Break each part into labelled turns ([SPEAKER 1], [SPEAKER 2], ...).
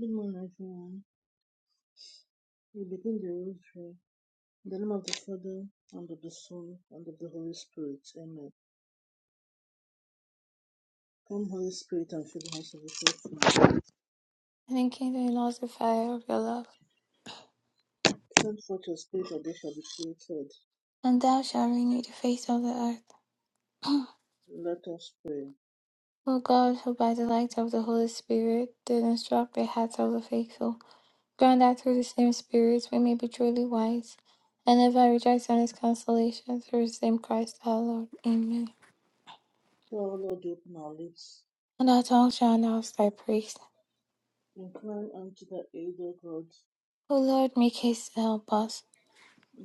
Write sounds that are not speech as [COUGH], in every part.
[SPEAKER 1] Good morning, everyone. We begin the rosary. In the name of the Father, and of the Son, and of the Holy Spirit. Amen. Come, Holy Spirit, and fill the house of the faithful.
[SPEAKER 2] and enkindle in us the fire of your love.
[SPEAKER 1] Send forth your Spirit, and they shall be created.
[SPEAKER 2] And thou shalt renew the face of the earth.
[SPEAKER 1] Let us pray.
[SPEAKER 2] O God, who by the light of the Holy Spirit did instruct the hearts of the faithful, grant that through the same Spirit we may be truly wise, and ever rejoice in his consolation through the same Christ our Lord. Amen.
[SPEAKER 1] O Lord, open our lips.
[SPEAKER 2] And our tongue shall announce thy praise.
[SPEAKER 1] Incline unto the aid, O God.
[SPEAKER 2] O Lord, make haste to help us.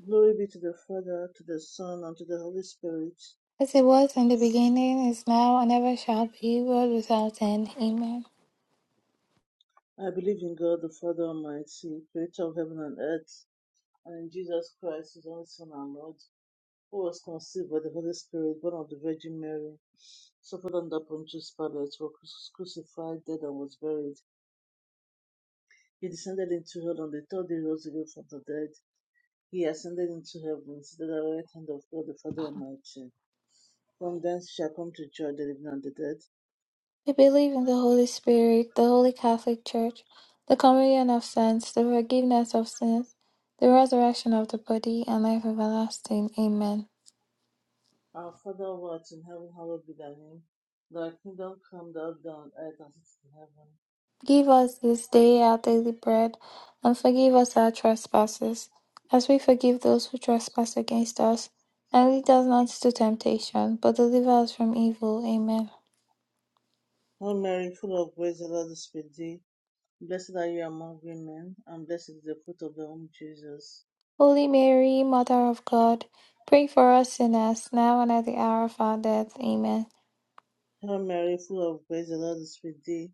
[SPEAKER 1] Glory be to the Father, to the Son, and to the Holy Spirit.
[SPEAKER 2] As it was in the beginning, is now, and ever shall be, world without end. Amen.
[SPEAKER 1] I believe in God, the Father Almighty, creator of heaven and earth, and in Jesus Christ, his only Son, our Lord who was conceived by the Holy Spirit, born of the Virgin Mary, suffered under Pontius Pilate, was crucified, dead, and was buried. He descended into hell on the third day, he rose again from the dead. He ascended into heaven, seated at the right hand of God the Father Almighty. From thence shall come to judge the living and the dead.
[SPEAKER 2] They believe in the Holy Spirit, the Holy Catholic Church, the communion of saints, the forgiveness of sins, the resurrection of the body, and life everlasting. Amen.
[SPEAKER 1] Our Father who art in heaven, hallowed be thy name. Thy kingdom come, thou down on earth as it is in heaven.
[SPEAKER 2] Give us this day our daily bread, and forgive us our trespasses, as we forgive those who trespass against us. And lead us not into temptation, but deliver us from evil. Amen.
[SPEAKER 1] Hail Mary, full of grace, the Lord is with thee. Blessed are you among women, and blessed is the fruit of thy womb, Jesus.
[SPEAKER 2] Holy Mary, Mother of God, pray for us sinners, now and at the hour of our death. Amen.
[SPEAKER 1] Hail Mary, full of grace, the Lord is with thee.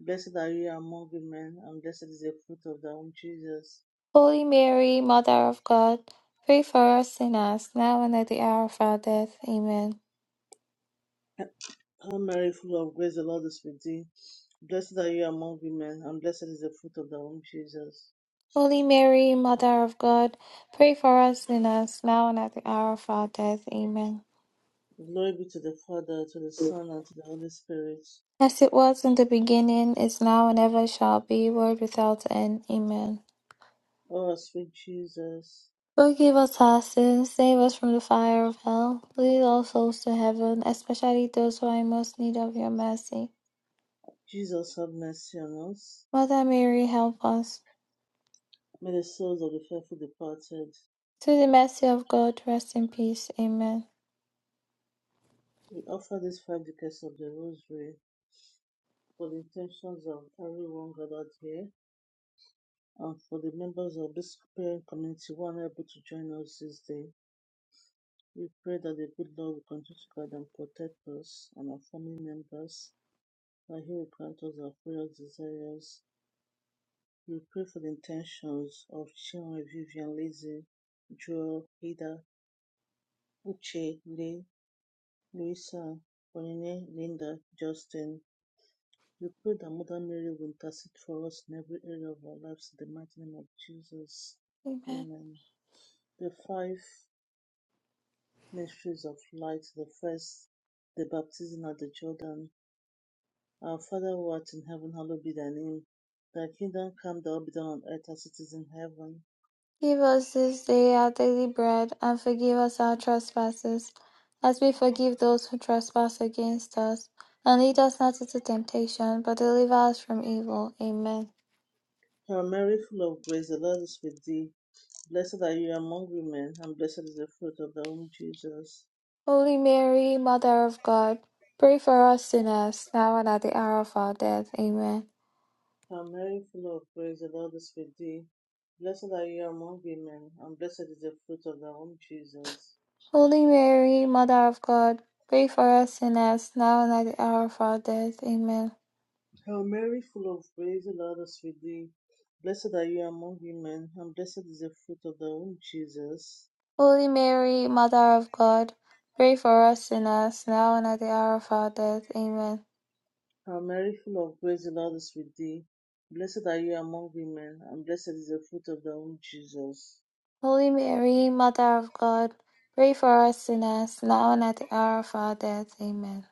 [SPEAKER 1] Blessed are you among women, and blessed is the fruit of thy womb, Jesus.
[SPEAKER 2] Holy Mary, Mother of God, pray for us sinners, now and at the hour of our death. Amen.
[SPEAKER 1] [CLEARS THROAT] Hail Mary, full of grace, the Lord is with thee. Blessed are you among women, and blessed is the fruit of thy womb, Jesus.
[SPEAKER 2] Holy Mary, Mother of God, pray for us sinners, now and at the hour of our death. Amen.
[SPEAKER 1] Glory be to the Father, to the Son, and to the Holy Spirit.
[SPEAKER 2] As it was in the beginning, is now, and ever shall be, world without end. Amen.
[SPEAKER 1] O our sweet Jesus,
[SPEAKER 2] Forgive us our sins, save us from the fire of hell, lead all souls to heaven, especially those who are in most need of your mercy.
[SPEAKER 1] Jesus, have mercy on us.
[SPEAKER 2] Mother Mary, help us.
[SPEAKER 1] May the souls of the faithful departed,
[SPEAKER 2] Through the mercy of God, rest in peace. Amen.
[SPEAKER 1] we offer these five decades of the Rosary for the intentions of everyone gathered here and for the members of this parent community who are not able to join us this day. We pray that the good Lord will continue to guide and protect us and our family members, that He will grant us our prayers, desires. We pray for the intentions of Chinwe, Vivian, Lizzie, Joel, Ida, Uche, Lee, Louisa, Bonine, Linda, Justin. We pray that Mother Mary will intercede for us in every area of our lives in the mighty name of Jesus.
[SPEAKER 2] Amen.
[SPEAKER 1] Amen. The five mysteries of light, the first, the baptism at the Jordan. Our Father who art in heaven, hallowed be thy name. Thy kingdom come, thy will be done on earth as it is in heaven.
[SPEAKER 2] Give us this day our daily bread, and forgive us our trespasses, as we forgive those who trespass against us. And lead us not into temptation, but deliver us from evil. Amen.
[SPEAKER 1] Hail Mary, full of grace, the Lord is with thee. Blessed are you among women, and blessed is the fruit of thy womb, Jesus.
[SPEAKER 2] Holy Mary, Mother of God, pray for us sinners, now and at the hour of our death. Amen.
[SPEAKER 1] Hail Mary, full of grace, the Lord is with thee. Blessed are you among women, and blessed is the fruit of thy womb, Jesus.
[SPEAKER 2] Holy Mary, Mother of God, pray for us sinners, now and at the hour of our death. Amen.
[SPEAKER 1] Hail Mary, full of grace, the Lord is with thee. Blessed are you among women, and blessed is the fruit of thy womb, Jesus.
[SPEAKER 2] Holy Mary, Mother of God, pray for us sinners, now and at the hour of our death. Amen.
[SPEAKER 1] Hail Mary, full of grace, the Lord is with thee. Blessed are you among women, and blessed is the fruit of thy womb, Jesus.
[SPEAKER 2] Holy Mary, Mother of God, pray for us sinners, now and at the hour of our death. Amen.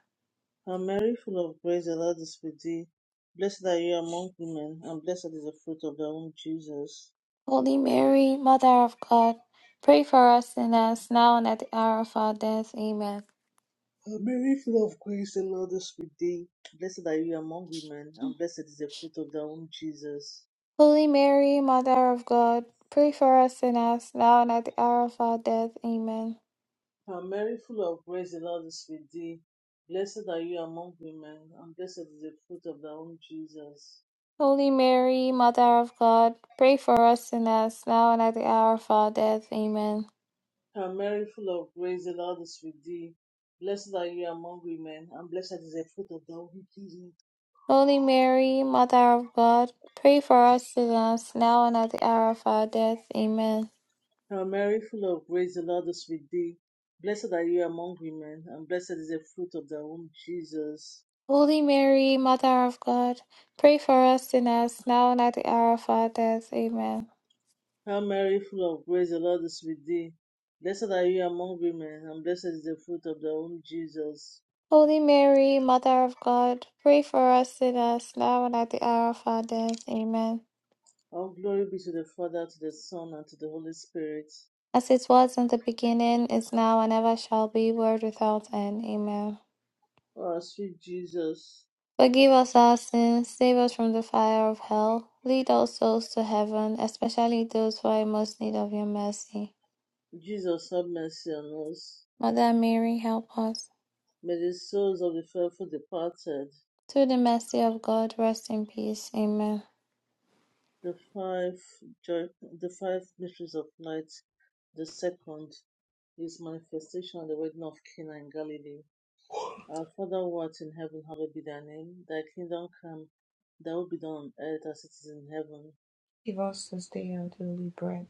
[SPEAKER 1] Hail Mary, full of grace, the Lord is with thee. Blessed are you among women, and blessed is the fruit of thy womb, Jesus.
[SPEAKER 2] Holy Mary, Mother of God, pray for us sinners, now and at the hour of our death. Amen.
[SPEAKER 1] Hail Mary, full of grace, the Lord is with thee. Blessed are you among women, and blessed is the fruit of thy womb, Jesus.
[SPEAKER 2] Holy Mary, Mother of God, pray for us sinners, now and at the hour of our death. Amen.
[SPEAKER 1] Hail Mary, full of grace, the Lord is with thee. Blessed are you among women, and blessed is the fruit of thy womb, Jesus.
[SPEAKER 2] Holy Mary, Mother of God, pray for us sinners, now and at the hour of our death. Amen.
[SPEAKER 1] Hail Mary, full of grace, the Lord is with thee. Blessed are you among women, and blessed is the fruit of thy womb, Jesus.
[SPEAKER 2] Holy Mary, Mother of God, pray for us sinners, now and at the hour of our death. Amen.
[SPEAKER 1] Hail Mary, full of grace, the Lord is with thee. Blessed are you among women, and blessed is the fruit of thy womb, Jesus.
[SPEAKER 2] Holy Mary, Mother of God, pray for us sinners, now and at the hour of our death. Amen.
[SPEAKER 1] Hail Mary, full of grace, the Lord is with thee. Blessed are you among women, and blessed is the fruit of thy womb, Jesus.
[SPEAKER 2] Holy Mary, Mother of God, pray for us sinners, now and at the hour of our death. Amen.
[SPEAKER 1] All glory be to the Father, to the Son, and to the Holy Spirit.
[SPEAKER 2] As it was in the beginning, is now, and ever shall be, world without end. Amen.
[SPEAKER 1] O our sweet Jesus,
[SPEAKER 2] Forgive us our sins, save us from the fire of hell, lead all souls to heaven, especially those who are in most need of your mercy.
[SPEAKER 1] Jesus, have mercy on us.
[SPEAKER 2] Mother Mary, help us.
[SPEAKER 1] May the souls of the faithful departed,
[SPEAKER 2] Through the mercy of God, rest in peace. Amen.
[SPEAKER 1] the five joy, the five mysteries of light, the second, his manifestation at the wedding of Cana in Galilee. Our Father who art in heaven, hallowed be thy name. Thy kingdom come, thy will be done on earth as it is in heaven.
[SPEAKER 3] Give us this day our daily bread,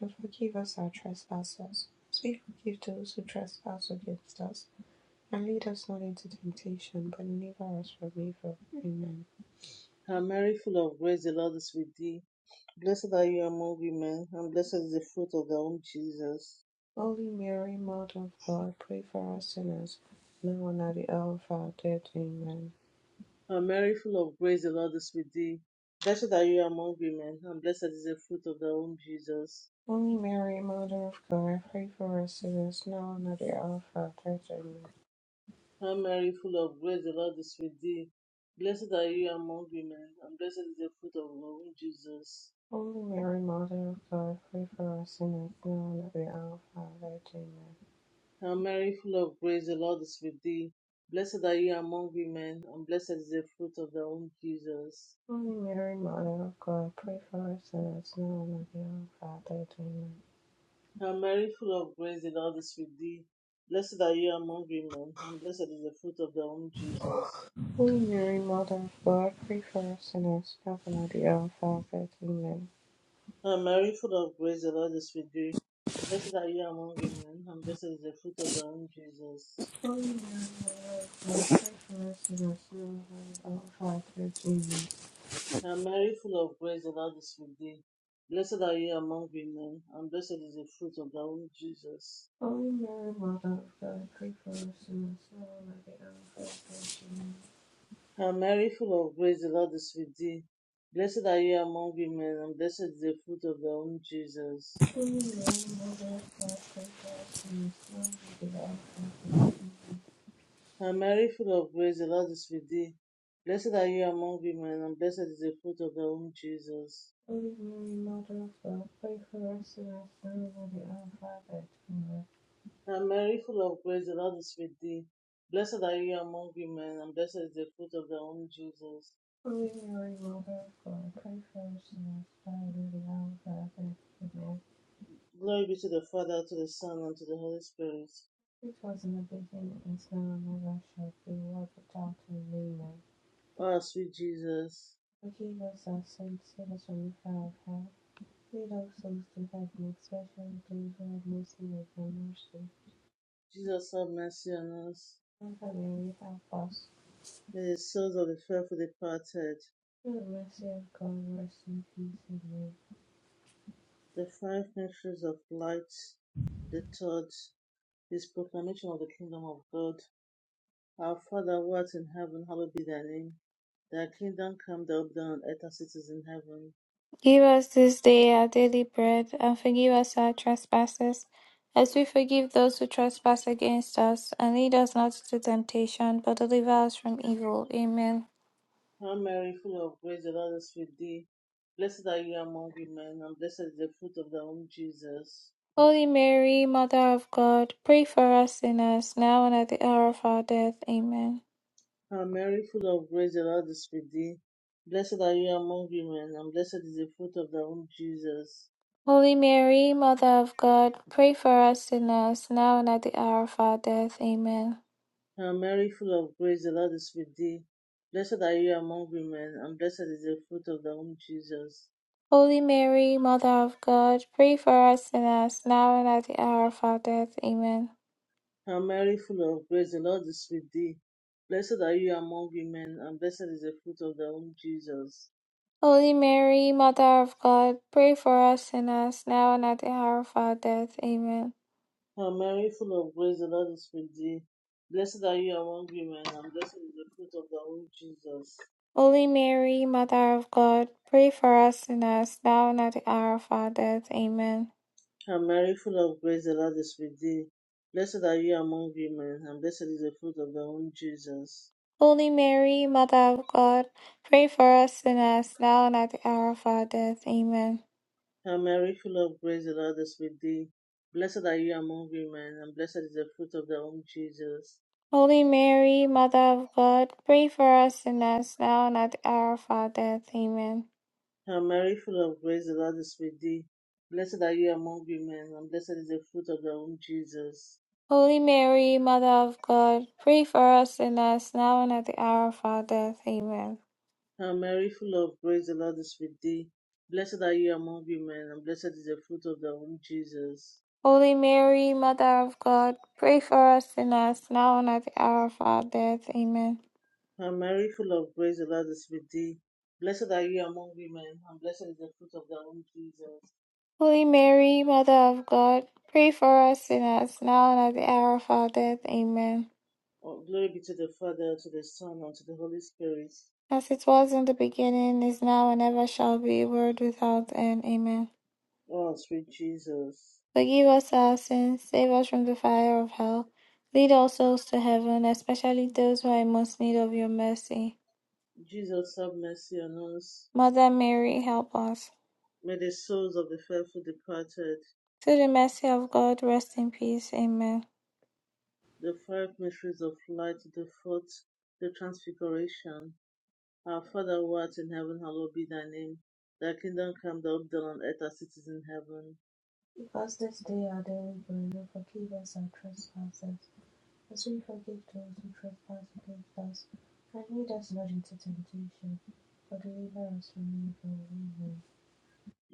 [SPEAKER 3] and forgive us our trespasses, as we forgive those who trespass against us. And lead us not into temptation, but deliver us from evil. Amen.
[SPEAKER 1] Hail Mary, full of grace, the Lord is with thee. Blessed are you among women, and blessed is the fruit of thy womb, Jesus.
[SPEAKER 3] Holy Mary, Mother of God, pray for us sinners, now and at the hour of our death. Amen.
[SPEAKER 1] Hail Mary, full of grace, the Lord is with thee. Blessed are you among women, and blessed is the fruit of thy womb, Jesus.
[SPEAKER 3] Holy Mary, Mother of God, pray for us sinners, now and at the hour of our death. Amen.
[SPEAKER 1] Hail Mary, full of grace, the Lord is with thee. Blessed are you among women, and blessed is the fruit of thy womb, Jesus.
[SPEAKER 3] Holy Mary, Mother of God, pray for us sinners, now and at the hour of our death. Amen.
[SPEAKER 1] Hail Mary, full of grace, the Lord is with thee. Blessed are you among women, and blessed is the fruit of thy womb, Jesus.
[SPEAKER 3] Holy Mary, Mother of God, pray for us sinners now and at the hour of our death. Amen.
[SPEAKER 1] Hail Mary, full of grace, the Lord is with thee. Blessed are you among women, and blessed is the fruit of thy womb, Jesus.
[SPEAKER 3] Holy Mary, Mother of God, pray for us sinners now and at the hour of our death. Amen.
[SPEAKER 1] Hail Mary, full of grace, the Lord is with thee. Blessed are you among women, and blessed is the fruit of thy womb, Jesus.
[SPEAKER 3] Holy Mary, Mother of God, pray for us sinners now and at the hour of our death. Amen.
[SPEAKER 1] Hail Mary, full of grace, the Lord is with thee. Blessed are you among women, and blessed is the fruit of thy womb, Jesus.
[SPEAKER 3] Holy Mary, Mother of God, pray for us sinners now and at the hour of our death. Amen.
[SPEAKER 1] Hail Mary, full of grace, the Lord is with thee. Blessed are you among women, and blessed is the fruit of thy womb, Jesus.
[SPEAKER 3] Holy Mary, Mother of God, pray for us sinners now and at the hour of our death.
[SPEAKER 1] And Mary, full of grace, the Lord is with thee. Blessed are you among women, and blessed is the fruit of thy womb, Jesus.
[SPEAKER 3] Ordinary models will preference the through the alphabet form.
[SPEAKER 1] And Mary, full of grace, the Lord is with thee. Blessed are you among women, and blessed is the fruit of thy womb, Jesus.
[SPEAKER 3] Ordinary models will preference the through the alphabet form.
[SPEAKER 1] Glory be to the Father, to the Son, and to the Holy Spirit.
[SPEAKER 3] It was in the beginning, is now, and ever shall be, world without end. Amen.
[SPEAKER 1] O our sweet Jesus,
[SPEAKER 3] Forgive us was a saint, us from the fire of hell. Lead all souls to heaven, especially those who have most need of thy mercy.
[SPEAKER 1] Jesus, have mercy on us.
[SPEAKER 3] Mother Mary, help us.
[SPEAKER 1] May the souls of the faithful departed,
[SPEAKER 3] the mercy of God, rest in peace. Amen.
[SPEAKER 1] the five mysteries of light, the third is proclamation of the kingdom of God. Our Father who art in heaven, hallowed be thy name. Thy kingdom come, thy will be done on earth as it is in heaven.
[SPEAKER 2] Give us this day our daily bread, and forgive us our trespasses, as we forgive those who trespass against us. And lead us not into temptation, but deliver us from evil. Amen.
[SPEAKER 1] Hail Mary, full of grace, the Lord is with thee. Blessed are you among women, and blessed is the fruit of thy womb, Jesus.
[SPEAKER 2] Holy Mary, Mother of God, pray for us sinners, now and at the hour of our death. Amen.
[SPEAKER 1] Hail Mary, full of grace, the Lord is with thee. Blessed are you among women, and blessed is the fruit of thy womb, Jesus.
[SPEAKER 2] Holy Mary, Mother of God, pray for us sinners, now and at the hour of our death. Amen.
[SPEAKER 1] Hail Mary, full of grace, the Lord is with thee. Blessed are you among women, and blessed is the fruit of thy womb, Jesus.
[SPEAKER 2] Holy Mary, Mother of God, pray for us sinners, now and at the hour of our death. Amen.
[SPEAKER 1] Hail Mary, full of grace, the Lord is with thee. Blessed are you among women, and blessed is the fruit of thy womb, Jesus.
[SPEAKER 2] Holy Mary, Mother of God, pray for us sinners, now and at the hour of our death. Amen.
[SPEAKER 1] Hail Mary, full of grace, the Lord is with thee. Blessed are you among women, and blessed is the fruit of thy womb, Jesus.
[SPEAKER 2] Holy Mary, Mother of God, pray for us sinners, now and at the hour of our death. Amen.
[SPEAKER 1] Hail Mary, full of grace, the Lord is with thee. Blessed are you among women, and blessed is the fruit of thy womb, Jesus.
[SPEAKER 2] Holy Mary, Mother of God, pray for us sinners, now and at the hour of our death. Amen.
[SPEAKER 1] Hail Mary, full of grace, the Lord is with thee. Blessed are you among women, and blessed is the fruit of thy womb, Jesus.
[SPEAKER 2] Holy Mary, Mother of God, pray for us sinners now and at the hour of our death. Amen.
[SPEAKER 1] Hail Mary, full of grace, the Lord is with thee. Blessed are you among women, and blessed is the fruit of thy womb, Jesus.
[SPEAKER 2] Holy Mary, Mother of God, pray for us sinners now and at the hour of our death. Amen.
[SPEAKER 1] Hail Mary, full of grace, the Lord is with thee. Blessed are you among women, and blessed is the fruit of thy womb, Jesus.
[SPEAKER 2] Holy Mary, Mother of God, pray for us sinners now and at the hour of our death. Amen.
[SPEAKER 1] Hail Mary, full of grace, the Lord is with thee. Blessed are you among women, and blessed is the fruit of thy womb, Jesus.
[SPEAKER 2] Holy Mary, Mother of God, pray for us sinners now and at the hour of our death. Amen.
[SPEAKER 1] Oh, glory be to the Father, to the Son, and to the Holy Spirit.
[SPEAKER 2] As it was in the beginning, is now, and ever shall be, world without end. Amen.
[SPEAKER 1] Oh, sweet Jesus.
[SPEAKER 2] Forgive us our sins, save us from the fire of hell. Lead all souls to heaven, especially those who are in most need of your mercy.
[SPEAKER 1] Jesus, have mercy on us.
[SPEAKER 2] Mother Mary, help us.
[SPEAKER 1] May the souls of the faithful departed
[SPEAKER 2] Through the mercy of God, rest in peace. Amen.
[SPEAKER 1] The five mysteries of light, the fourth, the transfiguration. Our Father who art in heaven, hallowed be thy name. Thy kingdom come, thy will be done on earth as it is in heaven.
[SPEAKER 3] Because this day our daily bread, forgive us our trespasses, as we forgive those who trespass against us. And lead us not into temptation, but deliver us from evil. Amen.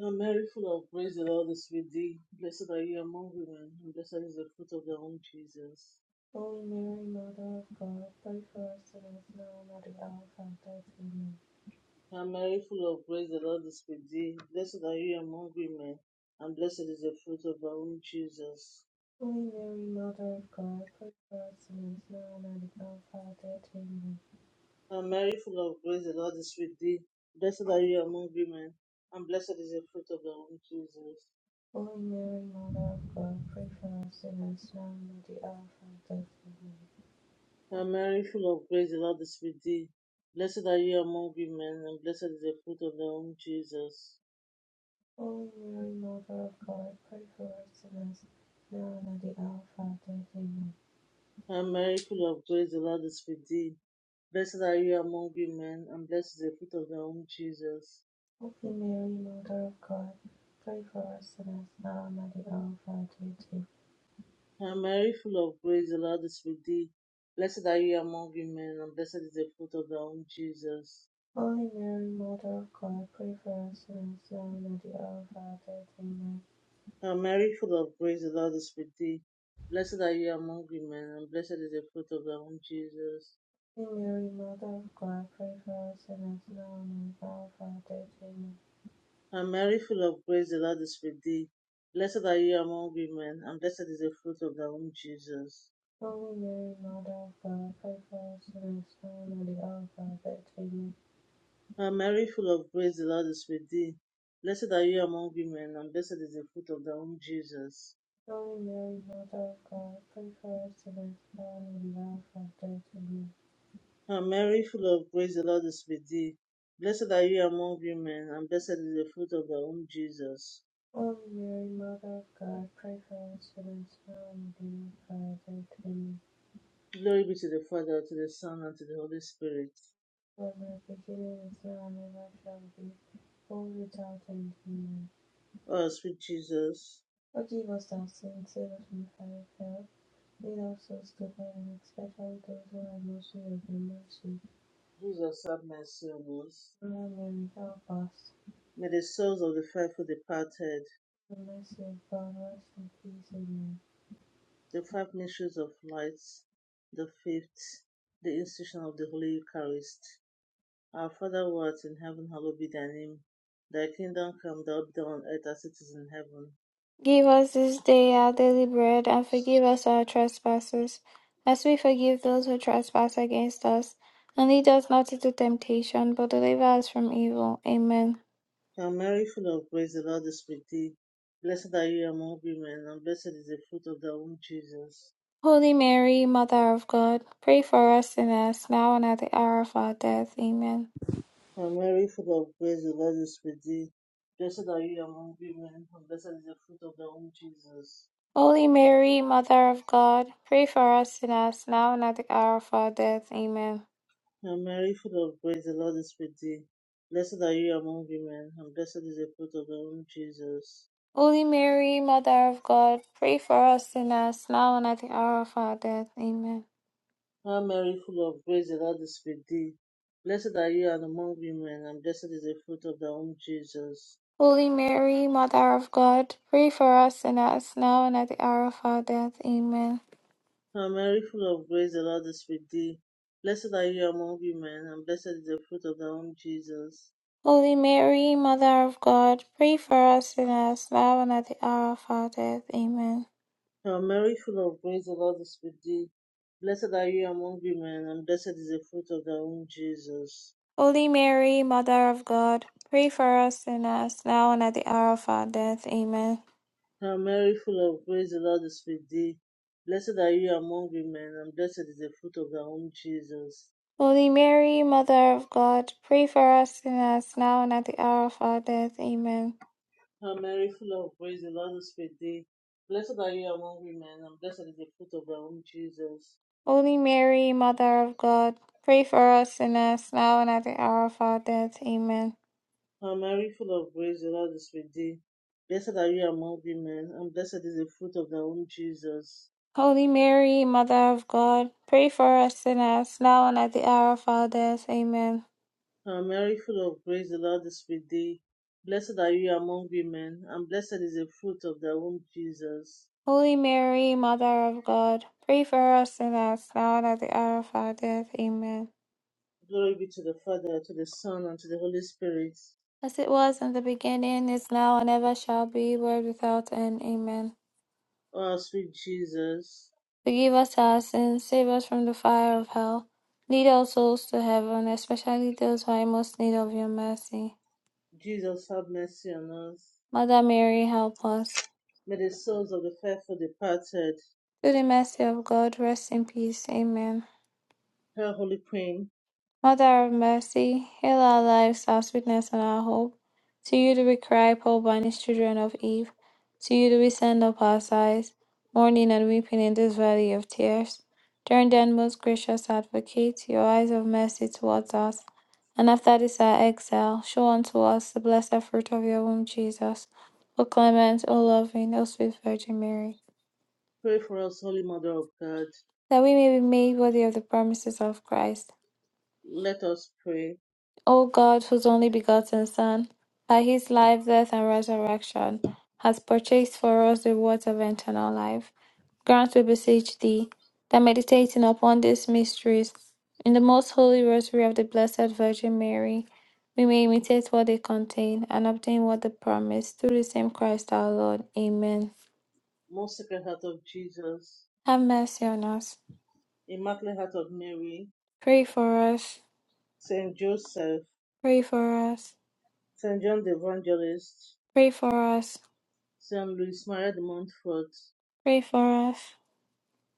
[SPEAKER 1] O Mary, full of grace, the Lord is with thee. Blessed are you among women, and blessed is the fruit of thy womb, Jesus.
[SPEAKER 3] Holy Mary, Mother of God, pray for us sinners now and at the hour of our death. Amen.
[SPEAKER 1] Hail Mary, full of grace, the Lord is with thee. Blessed are you among women, and blessed is the fruit of thy womb, Jesus.
[SPEAKER 3] Holy Mary, Mother of God, pray for us sinners now and at the hour of our death. Amen.
[SPEAKER 1] And Mary, full of grace, the Lord is with thee. Blessed are you among women, and blessed is the fruit of thy womb, Jesus.
[SPEAKER 3] Holy Mary, Mother of God, pray for us sinners now and at the hour of our death. Amen.
[SPEAKER 1] And Mary, full of grace, the Lord is with thee. Blessed are you among women, and blessed is the fruit of thy womb, Jesus.
[SPEAKER 3] O Mother of God, pray for us sinners, now and at the hour of our death. Amen.
[SPEAKER 1] And Mary, full of grace, the Lord is with thee. Blessed are you among women, and blessed is the fruit of thy womb, Jesus.
[SPEAKER 3] Holy Mary, Mother of God, pray for us sinners, now and at the hour of our death. Amen.
[SPEAKER 1] And Mary, full of grace, the Lord is with thee. Blessed are you among women, and blessed is the fruit of thy womb, Jesus.
[SPEAKER 3] Holy Mary, Mother of God, pray for us sinners, now and at the hour of our death. Amen.
[SPEAKER 1] Hail Mary, full of grace, the Lord is with thee. Blessed are you among women, and blessed is the fruit of thy womb, Jesus.
[SPEAKER 3] Holy Mary, Mother of God, pray for us sinners, now and at the hour of our death. Amen.
[SPEAKER 1] Hail Mary, full of grace, the Lord is with thee. Blessed are you among women, and blessed is the fruit of thy womb, Jesus.
[SPEAKER 3] Holy Mary, Mother of God, pray for us sinners, now and at the hour of our death. Amen.
[SPEAKER 1] Hail Mary, full of grace, the Lord is with thee. Blessed are you among women, and blessed is the fruit of thy womb, Jesus.
[SPEAKER 3] Holy Mary, Mother of God, pray for us sinners now and in the hour of our death. Amen.
[SPEAKER 1] Hail Mary, full of grace, the Lord is with thee. Blessed are you among women, and blessed is the fruit of thy womb, Jesus.
[SPEAKER 3] Holy Mary, Mother of God, pray for us sinners now and in the hour of our death. Amen.
[SPEAKER 1] Glory be to the Father, to the Son, and to the Holy Spirit
[SPEAKER 3] For the beginning is now and ever shall be, world without end. Amen.
[SPEAKER 1] Oh, sweet Jesus,
[SPEAKER 3] Forgive us our sins, save us from the fire of hell. Lead our souls to heaven, especially those who are most in need of your mercy.
[SPEAKER 1] Jesus have mercy on us.
[SPEAKER 3] Mother Mary, help us.
[SPEAKER 1] may the souls of the faithful departed,
[SPEAKER 3] The mercy of God, rest in peace. Amen.
[SPEAKER 1] the five mysteries of light, the fifth, the institution of the Holy Eucharist. Our Father who art in heaven, hallowed be thy name. Thy kingdom come, thy will be done on earth as it is in heaven.
[SPEAKER 2] Give us this day our daily bread, and forgive us our trespasses, as we forgive those who trespass against us. And lead us not into temptation, but deliver us from evil. Amen.
[SPEAKER 1] Hail Mary, full of grace, the Lord is with thee. Blessed are you among women, and blessed is the fruit of thy womb, Jesus.
[SPEAKER 2] Holy Mary, Mother of God, pray for us sinners, now and at the hour of our death. Amen.
[SPEAKER 1] Hail Mary, full of grace, the Lord is with thee. Blessed are you among women, and blessed is the fruit of thy womb, Jesus.
[SPEAKER 2] Holy Mary, Mother of God, pray for us sinners, now and at the hour of our death. Amen.
[SPEAKER 1] Hail Mary, full of grace, the Lord is with thee. Blessed are you among women, and blessed is the fruit of thy womb, Jesus.
[SPEAKER 2] Holy Mary, Mother of God, pray for us sinners, now and at the hour of our death. Amen.
[SPEAKER 1] Hail Mary, full of grace, the Lord is with thee. Blessed are you and among women, and blessed is the fruit of thy womb, Jesus.
[SPEAKER 2] Holy Mary, Mother of God, pray for us sinners, now and at the hour of our death. Amen.
[SPEAKER 1] Hail Mary, full of grace, the Lord is with thee. Blessed are you among women, and blessed is the fruit of thy womb, Jesus.
[SPEAKER 2] Holy Mary, Mother of God, pray for us sinners, now and at the hour of our death. Amen.
[SPEAKER 1] Hail Mary, full of grace, the Lord is with thee. Blessed are you among women, and blessed is the fruit of thy womb, Jesus.
[SPEAKER 2] Holy Mary, Mother of God, pray for us sinners, now and at the hour of our death. Amen.
[SPEAKER 1] Hail Mary, full of grace, the Lord is with thee. Blessed are you among women, and blessed is the fruit of thy womb, Jesus.
[SPEAKER 2] Holy Mary, Mother of God, pray for us sinners now and at the hour of our death. Amen.
[SPEAKER 1] Hail Mary, full of grace, the Lord is with thee. Blessed are you among women, and blessed is the fruit of thy womb, Jesus.
[SPEAKER 2] Holy Mary, Mother of God, pray for us sinners now and at the hour of our death. Amen.
[SPEAKER 1] Hail Mary, full of grace, the Lord is with thee. Blessed are you among women, and blessed is the fruit of thy womb, Jesus.
[SPEAKER 2] Holy Mary, Mother of God, pray for us sinners now and at the hour of our death. Amen.
[SPEAKER 1] Hail Mary, full of grace, the Lord is with thee. Blessed are you among women, and blessed is the fruit of thy womb, Jesus.
[SPEAKER 2] Holy Mary, Mother of God, pray for us sinners now and at the hour of our death. Amen.
[SPEAKER 1] Glory be to the Father, to the Son, and to the Holy Spirit.
[SPEAKER 2] As it was in the beginning, is now, and ever shall be, world without end. Amen.
[SPEAKER 1] O our sweet Jesus,
[SPEAKER 2] Forgive us our sins, save us from the fire of hell. Lead our souls to heaven, especially those who are in most need of your mercy.
[SPEAKER 1] Jesus, have mercy on us.
[SPEAKER 2] Mother Mary, help us.
[SPEAKER 1] May the souls of the faithful departed,
[SPEAKER 2] Through the mercy of God, rest in peace. Amen.
[SPEAKER 1] her Holy Queen,
[SPEAKER 2] Mother of mercy, hail our lives, our sweetness, and our hope. To you do we cry, poor banished children of Eve. To you do we send up our sighs, mourning and weeping in this valley of tears. Turn then, most gracious advocate, your eyes of mercy towards us. And after this our exile, show unto us the blessed fruit of your womb, Jesus. O clement, O loving, O sweet Virgin Mary,
[SPEAKER 1] pray for us, Holy Mother of God.
[SPEAKER 2] that we may be made worthy of the promises of Christ.
[SPEAKER 1] Let us pray.
[SPEAKER 2] O God, whose only begotten Son, by his life, death, and resurrection, has purchased for us the rewards of eternal life, grant, we beseech thee, that meditating upon these mysteries in the most holy rosary of the Blessed Virgin Mary, we may imitate what they contain and obtain what they promise through the same Christ our Lord. Amen.
[SPEAKER 1] Most Sacred Heart of Jesus,
[SPEAKER 2] Have mercy on us.
[SPEAKER 1] Immaculate Heart of Mary,
[SPEAKER 2] Pray for us.
[SPEAKER 1] Saint Joseph,
[SPEAKER 2] Pray for us.
[SPEAKER 1] Saint John the Evangelist,
[SPEAKER 2] Pray for us.
[SPEAKER 1] St. Louis Maria de Montfort,
[SPEAKER 2] Pray for us.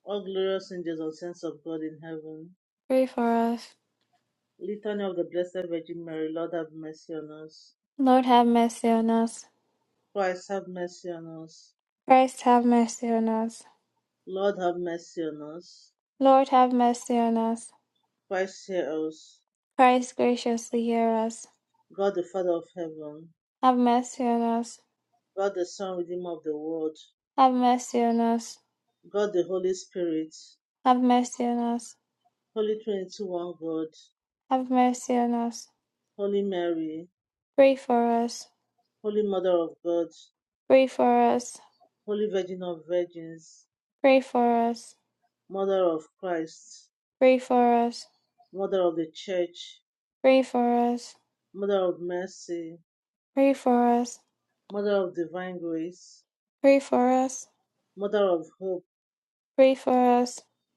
[SPEAKER 1] All Glorious Angels and Saints of God in Heaven,
[SPEAKER 2] Pray for us.
[SPEAKER 1] Litany of the Blessed Virgin Mary, Lord have mercy on us.
[SPEAKER 2] Lord have mercy on us.
[SPEAKER 1] Christ have mercy on us.
[SPEAKER 2] Christ have mercy on us.
[SPEAKER 1] Lord have mercy on us.
[SPEAKER 2] Lord have mercy on us.
[SPEAKER 1] Christ hear us.
[SPEAKER 2] Christ graciously hear us.
[SPEAKER 1] God the Father of Heaven,
[SPEAKER 2] Have mercy on us.
[SPEAKER 1] God the Son, Redeemer of the world,
[SPEAKER 2] Have mercy on us.
[SPEAKER 1] God the Holy Spirit,
[SPEAKER 2] Have mercy on us.
[SPEAKER 1] Holy Trinity, one God,
[SPEAKER 2] Have mercy on us.
[SPEAKER 1] Holy Mary,
[SPEAKER 2] Pray for us.
[SPEAKER 1] Holy Mother of God,
[SPEAKER 2] Pray for us.
[SPEAKER 1] Holy Virgin of Virgins,
[SPEAKER 2] Pray for us.
[SPEAKER 1] Mother of Christ,
[SPEAKER 2] Pray for us.
[SPEAKER 1] Mother of the Church,
[SPEAKER 2] Pray for us.
[SPEAKER 1] Mother of mercy,
[SPEAKER 2] Pray for us.
[SPEAKER 1] Mother of divine grace,
[SPEAKER 2] Pray for us.
[SPEAKER 1] Mother of hope,
[SPEAKER 2] Pray for us.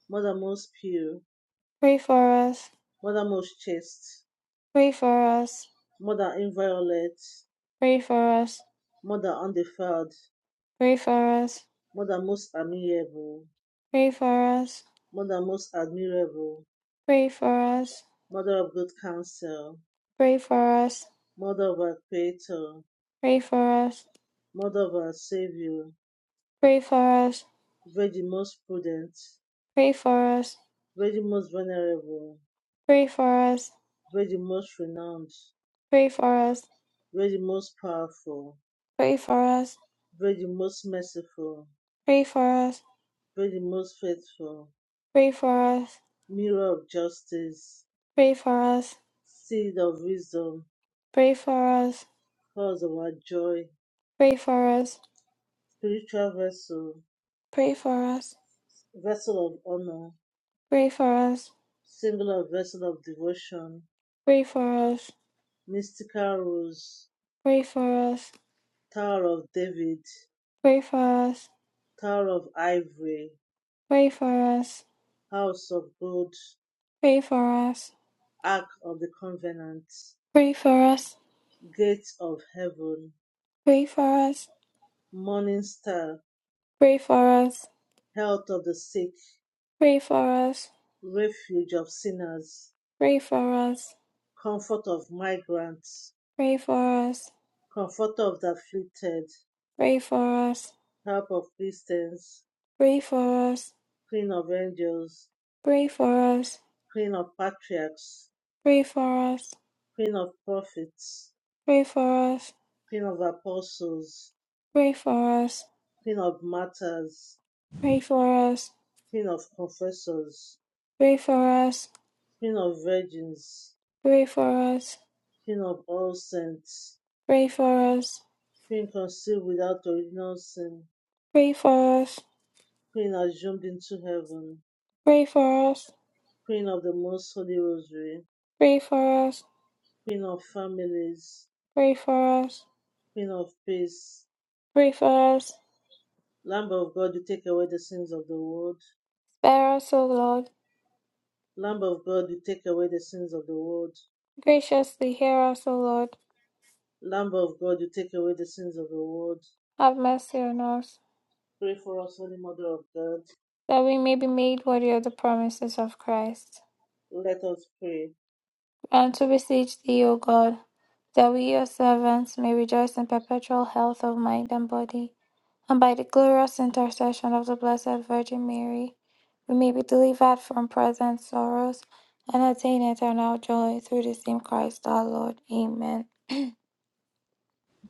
[SPEAKER 1] Mother most pure,
[SPEAKER 2] Pray for us.
[SPEAKER 1] Mother most chaste,
[SPEAKER 2] Pray for us.
[SPEAKER 1] Mother inviolate,
[SPEAKER 2] Pray for us.
[SPEAKER 1] Mother undefiled,
[SPEAKER 2] Pray for us.
[SPEAKER 1] Mother most amiable,
[SPEAKER 2] Pray for us.
[SPEAKER 1] Mother most admirable,
[SPEAKER 2] Pray for us.
[SPEAKER 1] Mother of good counsel,
[SPEAKER 2] Pray for us,
[SPEAKER 1] Mother of our Creator,
[SPEAKER 2] pray for us,
[SPEAKER 1] Mother of our Savior,
[SPEAKER 2] pray for us,
[SPEAKER 1] Virgin most prudent,
[SPEAKER 2] pray for us,
[SPEAKER 1] Virgin most venerable,
[SPEAKER 2] pray for us,
[SPEAKER 1] Virgin most renowned,
[SPEAKER 2] pray for us,
[SPEAKER 1] Virgin most powerful,
[SPEAKER 2] pray for us,
[SPEAKER 1] Virgin most merciful,
[SPEAKER 2] pray for us,
[SPEAKER 1] Pray the most faithful,
[SPEAKER 2] pray for us,
[SPEAKER 1] mirror of justice,
[SPEAKER 2] pray for us,
[SPEAKER 1] seed of wisdom,
[SPEAKER 2] pray for us,
[SPEAKER 1] cause of our joy,
[SPEAKER 2] pray for us,
[SPEAKER 1] spiritual vessel,
[SPEAKER 2] pray for us, pray for us,
[SPEAKER 1] vessel of honor,
[SPEAKER 2] pray for us,
[SPEAKER 1] singular vessel of devotion,
[SPEAKER 2] pray for us, pray for us,
[SPEAKER 1] mystical rose,
[SPEAKER 2] pray for us,
[SPEAKER 1] tower of David,
[SPEAKER 2] pray for us,
[SPEAKER 1] tower of ivory,
[SPEAKER 2] pray for us,
[SPEAKER 1] house of gold,
[SPEAKER 2] pray for us,
[SPEAKER 1] ark of the covenant,
[SPEAKER 2] pray for us,
[SPEAKER 1] gate of heaven,
[SPEAKER 2] pray for us,
[SPEAKER 1] morning star,
[SPEAKER 2] pray for us,
[SPEAKER 1] health of the sick, refuge of sinners,
[SPEAKER 2] pray
[SPEAKER 1] comfort of migrants,
[SPEAKER 2] for us,
[SPEAKER 1] comforter of the afflicted,
[SPEAKER 2] pray for us.
[SPEAKER 1] help of Christians,
[SPEAKER 2] Pray for us,
[SPEAKER 1] queen of angels,
[SPEAKER 2] pray for us,
[SPEAKER 1] queen of patriarchs,
[SPEAKER 2] pray for us,
[SPEAKER 1] queen of prophets,
[SPEAKER 2] pray for us,
[SPEAKER 1] queen of apostles,
[SPEAKER 2] pray for us,
[SPEAKER 1] queen of martyrs,
[SPEAKER 2] pray for us,
[SPEAKER 1] queen of confessors,
[SPEAKER 2] pray for us,
[SPEAKER 1] queen of virgins,
[SPEAKER 2] pray for us,
[SPEAKER 1] queen of all saints,
[SPEAKER 2] pray for us,
[SPEAKER 1] queen conceived without original sin,
[SPEAKER 2] pray for us,
[SPEAKER 1] queen assumed into heaven,
[SPEAKER 2] pray for us,
[SPEAKER 1] queen of the most holy rosary,
[SPEAKER 2] pray for us,
[SPEAKER 1] queen of families,
[SPEAKER 2] pray for us,
[SPEAKER 1] queen of peace,
[SPEAKER 2] pray for us,
[SPEAKER 1] lamb of God, you take away the sins of the world,
[SPEAKER 2] spare us, O Lord,
[SPEAKER 1] Lamb of God, you take away the sins of the world.
[SPEAKER 2] graciously hear us, O Lord,
[SPEAKER 1] Lamb of God, you take away the sins of the world.
[SPEAKER 2] have mercy on us,
[SPEAKER 1] Pray for us, Holy Mother of God.
[SPEAKER 2] that we may be made worthy of the promises of Christ.
[SPEAKER 1] Let us pray.
[SPEAKER 2] And to beseech thee, O God, that we your servants may rejoice in perpetual health of mind and body, and by the glorious intercession of the Blessed Virgin Mary, we may be delivered from present sorrows and attain eternal joy through the same Christ our Lord. Amen.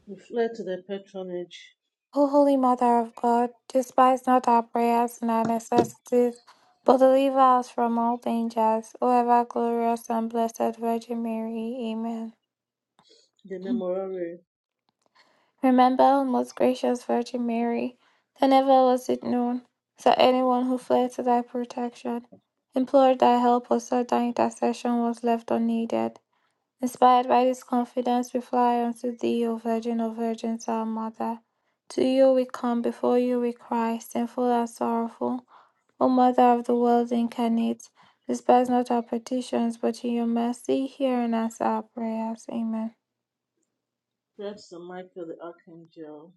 [SPEAKER 1] We fled to the patronage,
[SPEAKER 2] O Holy Mother of God, despise not our prayers and our necessities, but deliver us from all dangers, O ever glorious and blessed Virgin Mary. Amen.
[SPEAKER 1] the memorare.
[SPEAKER 2] Remember, O most gracious Virgin Mary, that never was it known that anyone who fled to thy protection, implored thy help, or sought thy intercession was left unneeded. Inspired by this confidence, we fly unto thee, O Virgin of Virgins, our Mother. To you we come, before you we cry, sinful and sorrowful. O Mother of the world incarnate, despise not our petitions, but in your mercy hear and answer our prayers. Amen.
[SPEAKER 1] That's St. Michael the Archangel.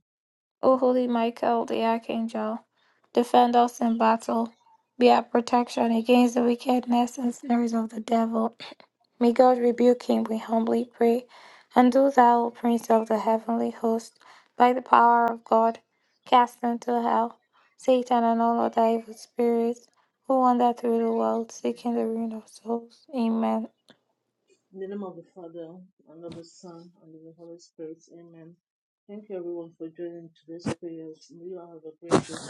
[SPEAKER 2] O holy Michael the archangel, defend us in battle. Be our protection against the wickedness and snares of the devil. [CLEARS THROAT] May God rebuke him, we humbly pray. And do thou, O Prince of the heavenly host, by the power of God, cast into hell Satan and all other evil spirits who wander through the world seeking the ruin of souls. Amen.
[SPEAKER 1] In the name of the Father, and of the Son, and of the Holy Spirit. Amen. Thank you, everyone, for joining today's prayers. May you all have a great day.